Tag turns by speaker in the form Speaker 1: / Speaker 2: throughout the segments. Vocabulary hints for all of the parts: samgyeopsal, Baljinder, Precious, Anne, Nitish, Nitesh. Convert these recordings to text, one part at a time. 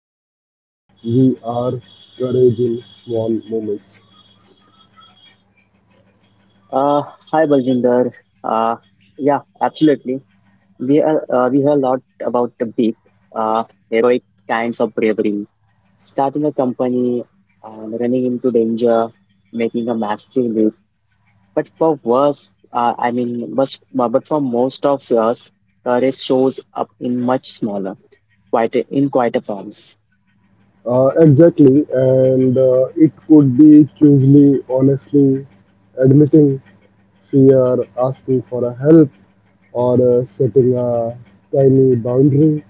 Speaker 1: to who we are, courage in small moments.
Speaker 2: Uh, Hi Baljinder. Uh, yeah, absolutely. We hear a lot about the big, uh, heroic kinds of bravery, starting a company and running into danger, making a massive leap. But for worse, I mean, but for most of us, courage shows up in much smaller, in quieter forms.
Speaker 1: Exactly, and it could be choosily, honestly, admitting fear, asking for a help, or setting a tiny boundary.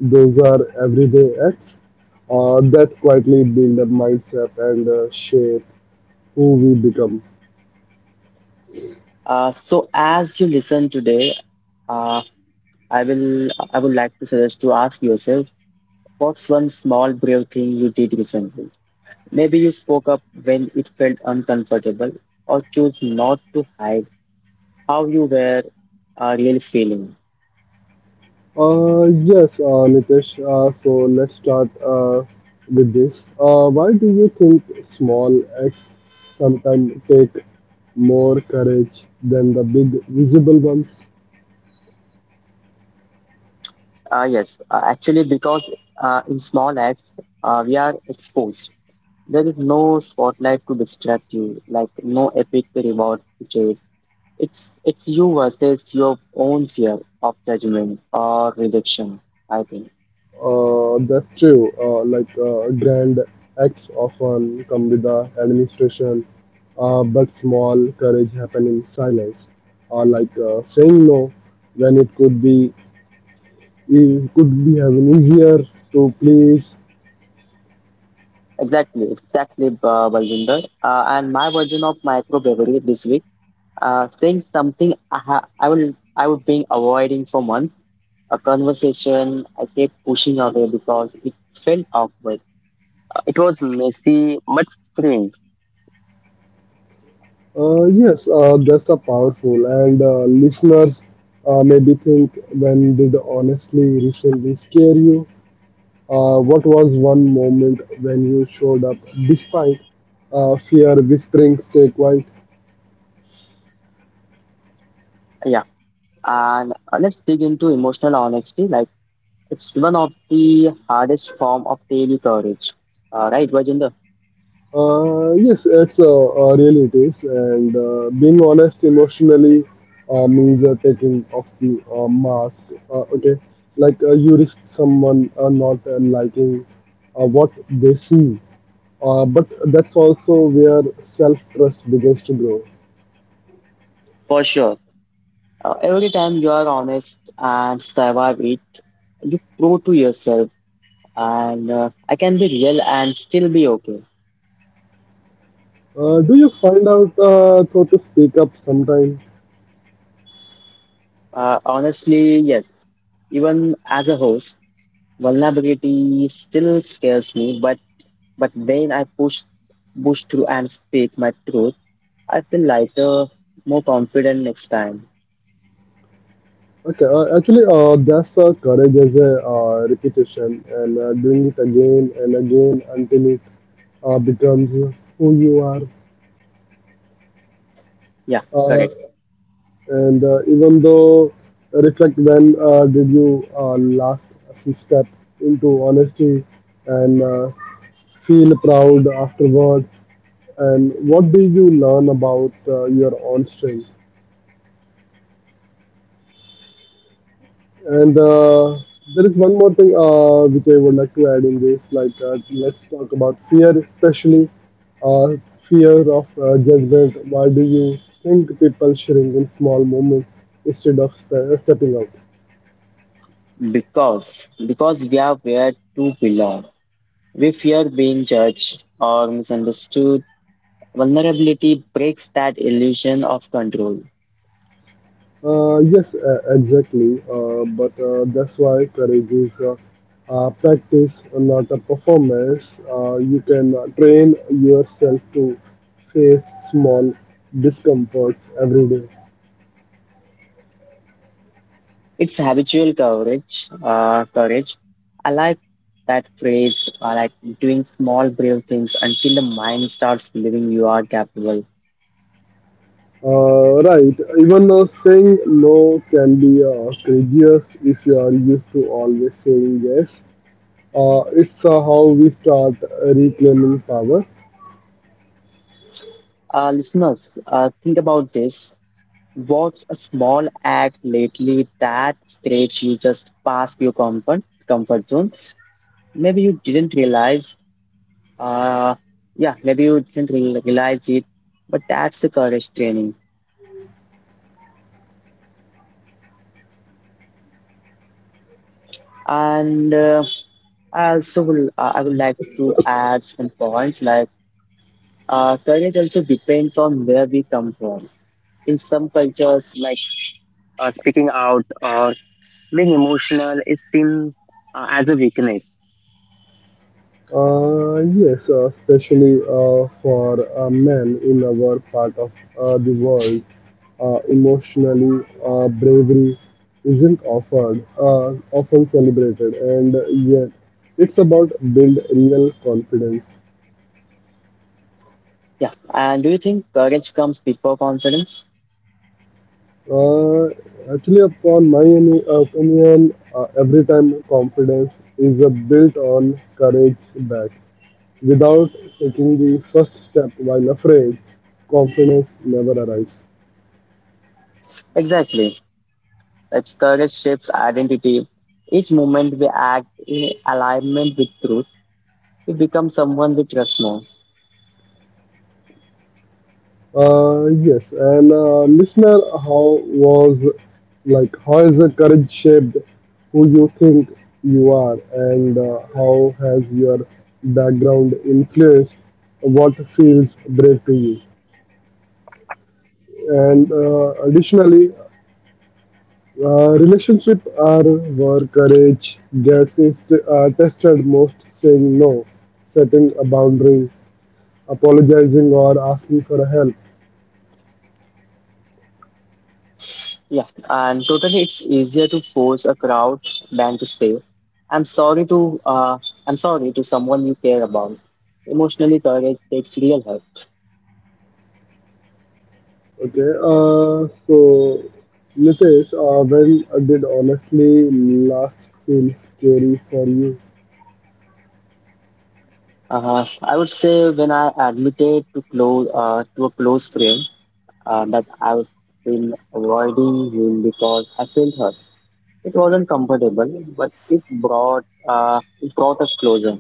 Speaker 1: Those are everyday acts that quietly build a mindset and shape who we become.
Speaker 2: So as you listen today, uh, I will I would like to suggest to ask yourself. What's one small brave thing you did recently? Maybe you spoke up when it felt uncomfortable, or chose not to hide how you were really feeling.
Speaker 1: Yes, Nitesh, so let's start with this. Why do you think small acts sometimes take more courage than the big visible ones?
Speaker 2: Yes, actually, because in small acts, we are exposed. There is no spotlight to distract you, like no epic reward to chase. It's you versus your own fear of judgment or rejection, I think.
Speaker 1: That's true. Like grand acts often come with the administration, but small courage happen in silence. Or like saying no when it could be even easier to please.
Speaker 2: Exactly, exactly, Baljinder. And my version of microbrewery this week, saying something I ha I will I would been avoiding for months. A conversation I kept pushing away because it felt awkward. It was messy but freeing.
Speaker 1: Yes, that's a powerful and listeners maybe think, when did honestly recently scare you? What was one moment when you showed up despite fear whispering stay quiet?
Speaker 2: Yeah, and let's dig into emotional honesty. Like it's one of the hardest form of daily courage. Right, Baljinder?
Speaker 1: Yes, it's Really it is, and being honest emotionally means taking off the mask. Uh, okay, you risk someone not liking what they see, but that's also where self-trust begins to grow.
Speaker 2: For sure. Every time you are honest and survive it, you prove to yourself and I can be real and still be okay.
Speaker 1: Do you find out how to speak up sometime?
Speaker 2: Honestly, yes. Even as a host, vulnerability still scares me, but when I push through and speak my truth, I feel lighter, more confident next time.
Speaker 1: That's courage as a repetition and doing it again and again until it becomes who you are.
Speaker 2: Yeah,
Speaker 1: Uh,
Speaker 2: correct.
Speaker 1: and Even though reflect, when did you last step into honesty and feel proud afterwards, and what did you learn about your own strength? And There is one more thing which I would like to add in this. Let's talk about fear, especially uh, fear of judgment. Why do you think people shrink in small moments instead of stepping out?
Speaker 2: Because we are where to belong. We fear being judged or misunderstood. Vulnerability breaks that illusion of control.
Speaker 1: Yes, exactly. But that's why courage is practice, not a performance. You can train yourself to face small discomforts every day.
Speaker 2: It's habitual courage. Courage. I like that phrase. I like doing small, brave things until the mind starts believing you are capable.
Speaker 1: Right, even saying no can be courageous if you are used to always saying yes. It's how we start reclaiming power.
Speaker 2: Listeners, think about this. What's a small act lately that stretched you just past your comfort zone? Maybe you didn't realize. Uh, yeah, maybe you didn't re realize it, but that's the courage training. And I would like to add some points like courage also depends on where we come from. In some cultures, like speaking out or being emotional is seen as a weakness.
Speaker 1: Yes, Especially for men in our part of the world, bravery isn't offered, often celebrated, and yet it's about build real confidence.
Speaker 2: Yeah. And do you think courage comes before confidence?
Speaker 1: Uh, actually, upon my opinion, every time confidence is built on courage back. Without taking the first step while afraid, confidence never arrives.
Speaker 2: Exactly. Like courage shapes identity. Each moment we act in alignment with truth, we become someone we trust more.
Speaker 1: Yes, and listener, how was like how has the courage shaped who you think you are, and how has your background influenced what feels brave to you? And additionally, relationship are where courage gets tested most, saying no, setting a boundary, apologizing or asking for help.
Speaker 2: Yeah, and totally, it's easier to force a crowd than to say, "I'm sorry uh, to someone you care about." Emotionally, courage takes real hurt.
Speaker 1: Okay, so Nitesh, when did honestly last feel scary for you?
Speaker 2: I would say when I admitted to a close friend that I've been avoiding him because I felt hurt. It wasn't comfortable, but it brought us closer.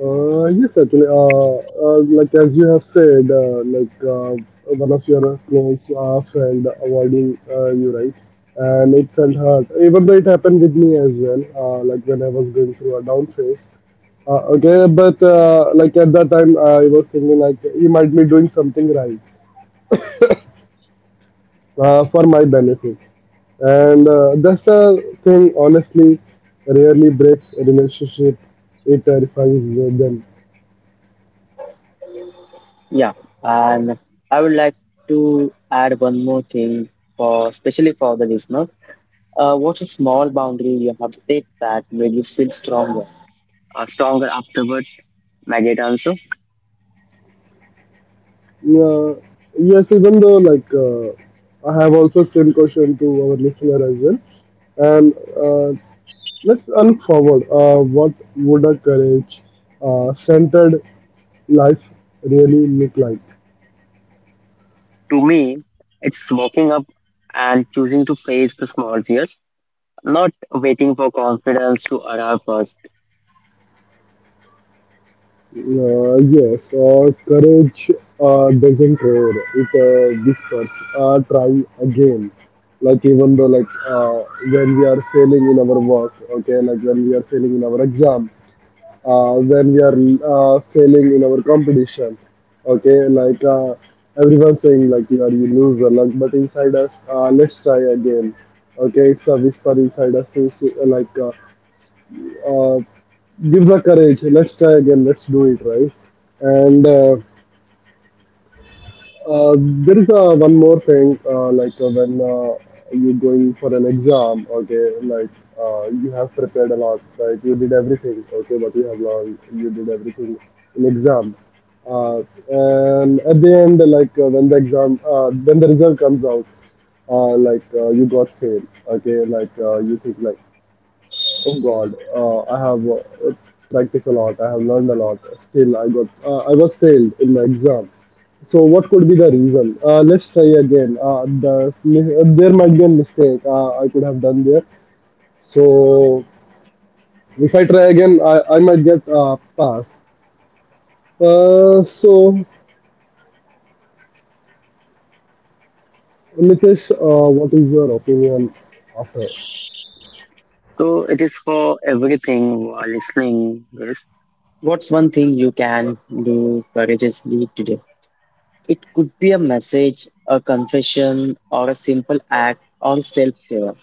Speaker 1: Uh, yes, actually, uh, like as you have said, one of your close friend avoiding you, right? And it felt hurt. Even though it happened with me as well, like when I was going through a down phase. Okay, but like at that time, I was thinking like he might be doing something right for my benefit, and that's the thing. Honestly, rarely breaks a relationship. It terrifies them.
Speaker 2: Yeah, and I would like to add one more thing for especially for the listeners. What's a small boundary you have set that made you feel stronger? Stronger afterward, my great answer.
Speaker 1: Yeah, yes, even though I have also same question to our listener as well. And uh, let's look forward. What would a courage centered life really look like?
Speaker 2: To me, it's waking up and choosing to face the small fears, not waiting for confidence to arrive first.
Speaker 1: Yes, Courage doesn't care. It whispers, try again. Like even though like when we are failing in our work, okay, like when we are failing in our exam, when we are failing in our competition. Okay, everyone saying like you are you loser, like but inside us, let's try again. Okay, it's a whisper inside us to say, uh, gives a courage. Let's try again. Let's do it right. And uh, there is one more thing, when you're going for an exam, you have prepared a lot, like you did everything, okay, what you have learned, you did everything in exam. Uh, and at the end, when the when the result comes out, you got failed, okay, you think like, oh God, I have practiced a lot. I have learned a lot. Still, I was failed in my exam. So what could be the reason? Let's try again. There might be a mistake I could have done there. So if I try again, I might get pass. So Nitesh, what is your opinion after?
Speaker 2: So it is for everything while listening. Yes, what's one thing you can do courageously today? It could be a message, a confession, or a simple act or self-care.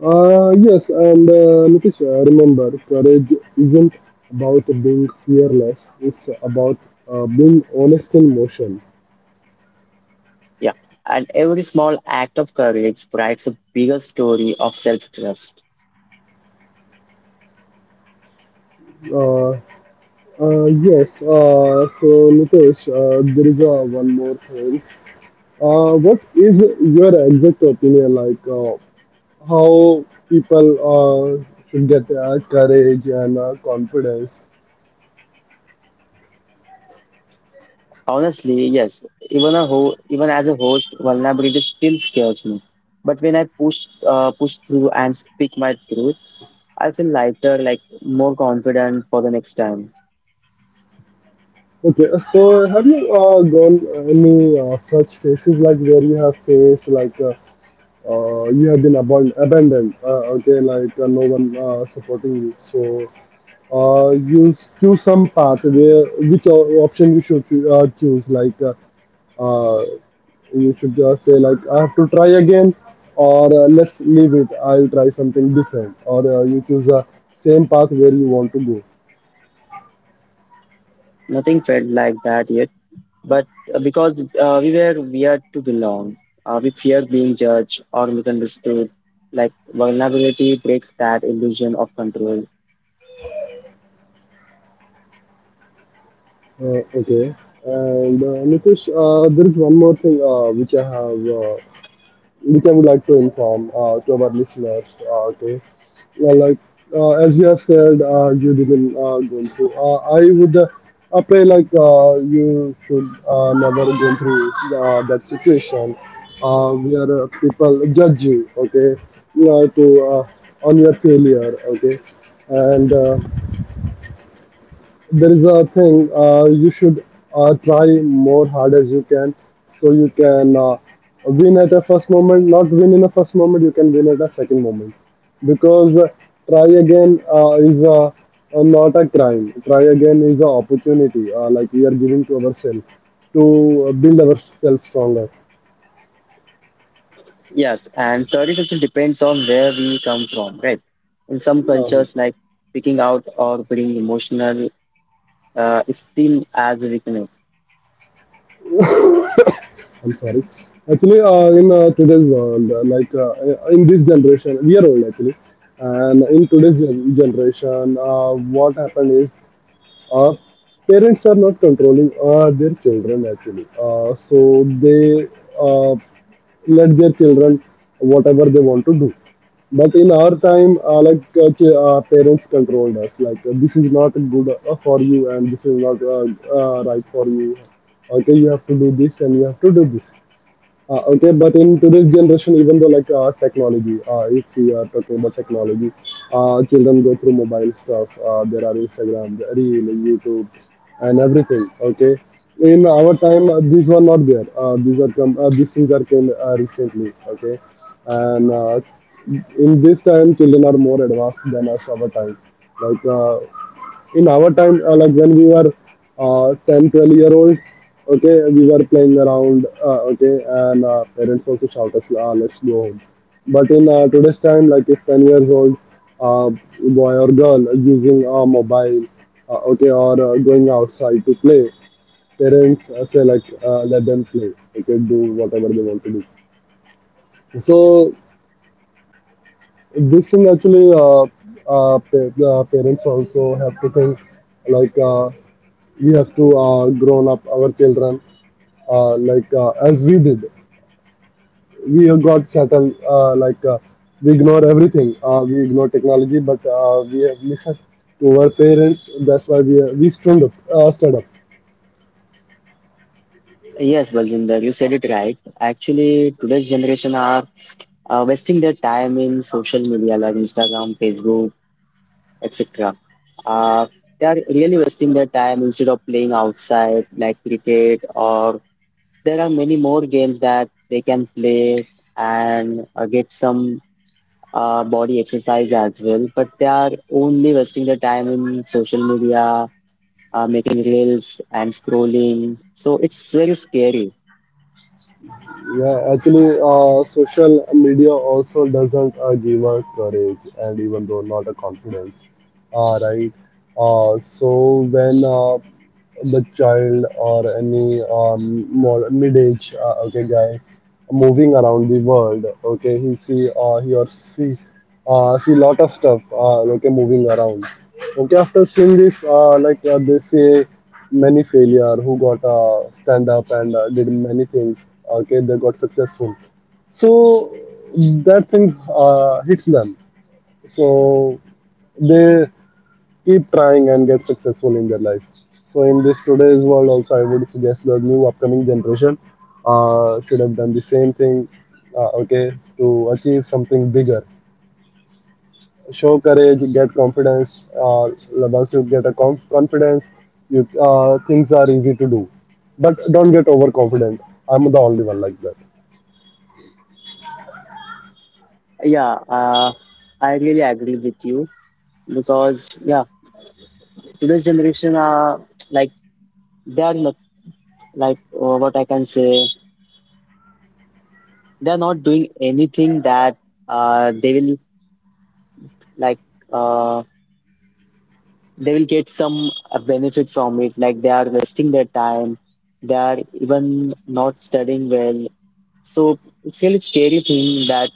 Speaker 1: Yes, and Nitish, remember, courage isn't about being fearless. It's about being honest in motion.
Speaker 2: Yeah. And every small act of courage provides a bigger story of self-trust.
Speaker 1: Uh, yes. So Nitish, there is one more thing. What is your exact opinion like? How people uh, should get courage and confidence?
Speaker 2: Honestly, yes, even a ho even as a host, vulnerability still scares me. But when I push through and speak my truth, I feel lighter, like more confident for the next time.
Speaker 1: Okay, so have you gone any such phases like where you have faced like you have been abandoned. No one supporting you. So you choose some path where which option you should choose. Uh, you should say like I have to try again, or let's leave it. I'll try something different. Or you choose a same path where you want to go.
Speaker 2: Nothing felt like that yet, but because we were weird to belong, we fear being judged or misunderstood. Like vulnerability breaks that illusion of control.
Speaker 1: Okay. And Nitish, there is one more thing which I would like to inform to our listeners. Okay, Well, as you have said, you didn't go through. I would I pray you should never go through that situation where people judge you. Okay, you to on your failure. Okay, and There is a thing you should try more hard as you can, so you can win at a first moment, not win in a first moment you can win at a second moment, because try again not a crime, try again is an opportunity like we are giving to ourselves to build ourselves stronger.
Speaker 2: Yes, and traditions depends on where we come from, right? In some
Speaker 1: Uh,
Speaker 2: cultures, like picking out or being emotional is seen as a weakness.
Speaker 1: I'm sorry. Actually, in today's world, in this generation, we are old actually, and in today's generation, what happened is uh, parents are not controlling their children actually. So they uh, let their children whatever they want to do. But in our time, parents controlled us. Like this is not good for you, and this is not right for you. Okay, you have to do this, and you have to do this, okay, but in today's generation, even though technology, if we are talking about technology, children go through mobile stuff. There are Instagram, Reel, YouTube, and everything. Okay, in our time, these were not there. These are come. These things are came recently. Okay, and In this time, children are more advanced than us. Our time, like In our time, like when we were 10 12 year old, okay, we were playing around okay and parents also shout us, ah, let's go home. But in today's time, like if 10 years old uh, boy or girl using a mobile, okay or going outside to play, parents say like let them play, okay, do whatever they want to do. So this thing actually uh, uh, pa- uh, parents also have to think like uh, we have to grown up our children as we did. We got settled we ignore everything. We ignore technology, but we have listened to our parents. That's why we stood up, stood up.
Speaker 2: Yes, Baljinder, you said it right. Actually, today's generation are wasting their time in social media like Instagram, Facebook, etc. Uh, they are really wasting their time instead of playing outside like cricket or there are many more games that they can play and get some body exercise as well, but they are only wasting their time in social media, making reels and scrolling. So it's very scary.
Speaker 1: Yeah, actually, social media also doesn't give us courage, and even though not a confidence, right? So when the child or any more mid-age guy moving around the world, okay, he or she see lot of stuff moving around, okay, after seeing this, they say many failure who got stand up and did many things, okay, they got successful. So that thing hits them, so they keep trying and get successful in their life. So in this today's world also, I would suggest the new upcoming generation should have done the same thing. Okay, to achieve something bigger, show courage, get confidence. Once you get a confidence, you things are easy to do. But don't get overconfident. I'm the only one like that.
Speaker 2: Yeah, uh, I really agree with you because yeah, today's generation are like they are not like what I can say they are not doing anything that they will like uh, they will get some benefit from it. Like they are wasting their time. They are even not studying well. So it's really scary thing that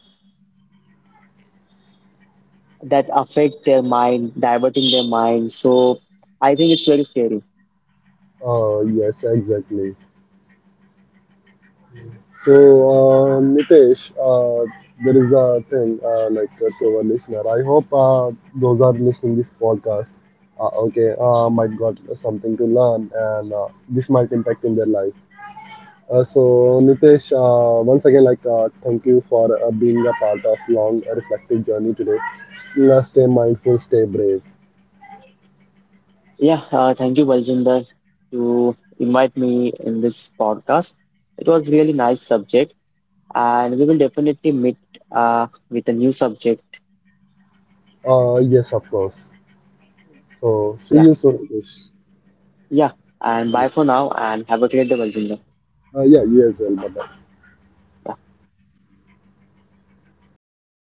Speaker 2: that affect their mind, diverting their mind. So I think it's very scary.
Speaker 1: Yes, exactly. So, Nitesh, there is a thing to our listener. I hope those are listening this podcast. Okay, might got something to learn, and this might impact in their life. So, Nitesh, once again, thank you for being a part of long reflective journey today. Stay mindful, stay brave.
Speaker 2: Yeah, thank you, Baljinder, to invite me in this podcast. It was really nice subject, and we will definitely meet with a new subject.
Speaker 1: Yes, of course. So, see
Speaker 2: Yeah,
Speaker 1: you soon, Nitesh.
Speaker 2: yeah. And
Speaker 1: Yeah,
Speaker 2: bye for now, and have a great day, Baljinder.
Speaker 1: yeah, you as well. Bye bye.
Speaker 2: Yeah.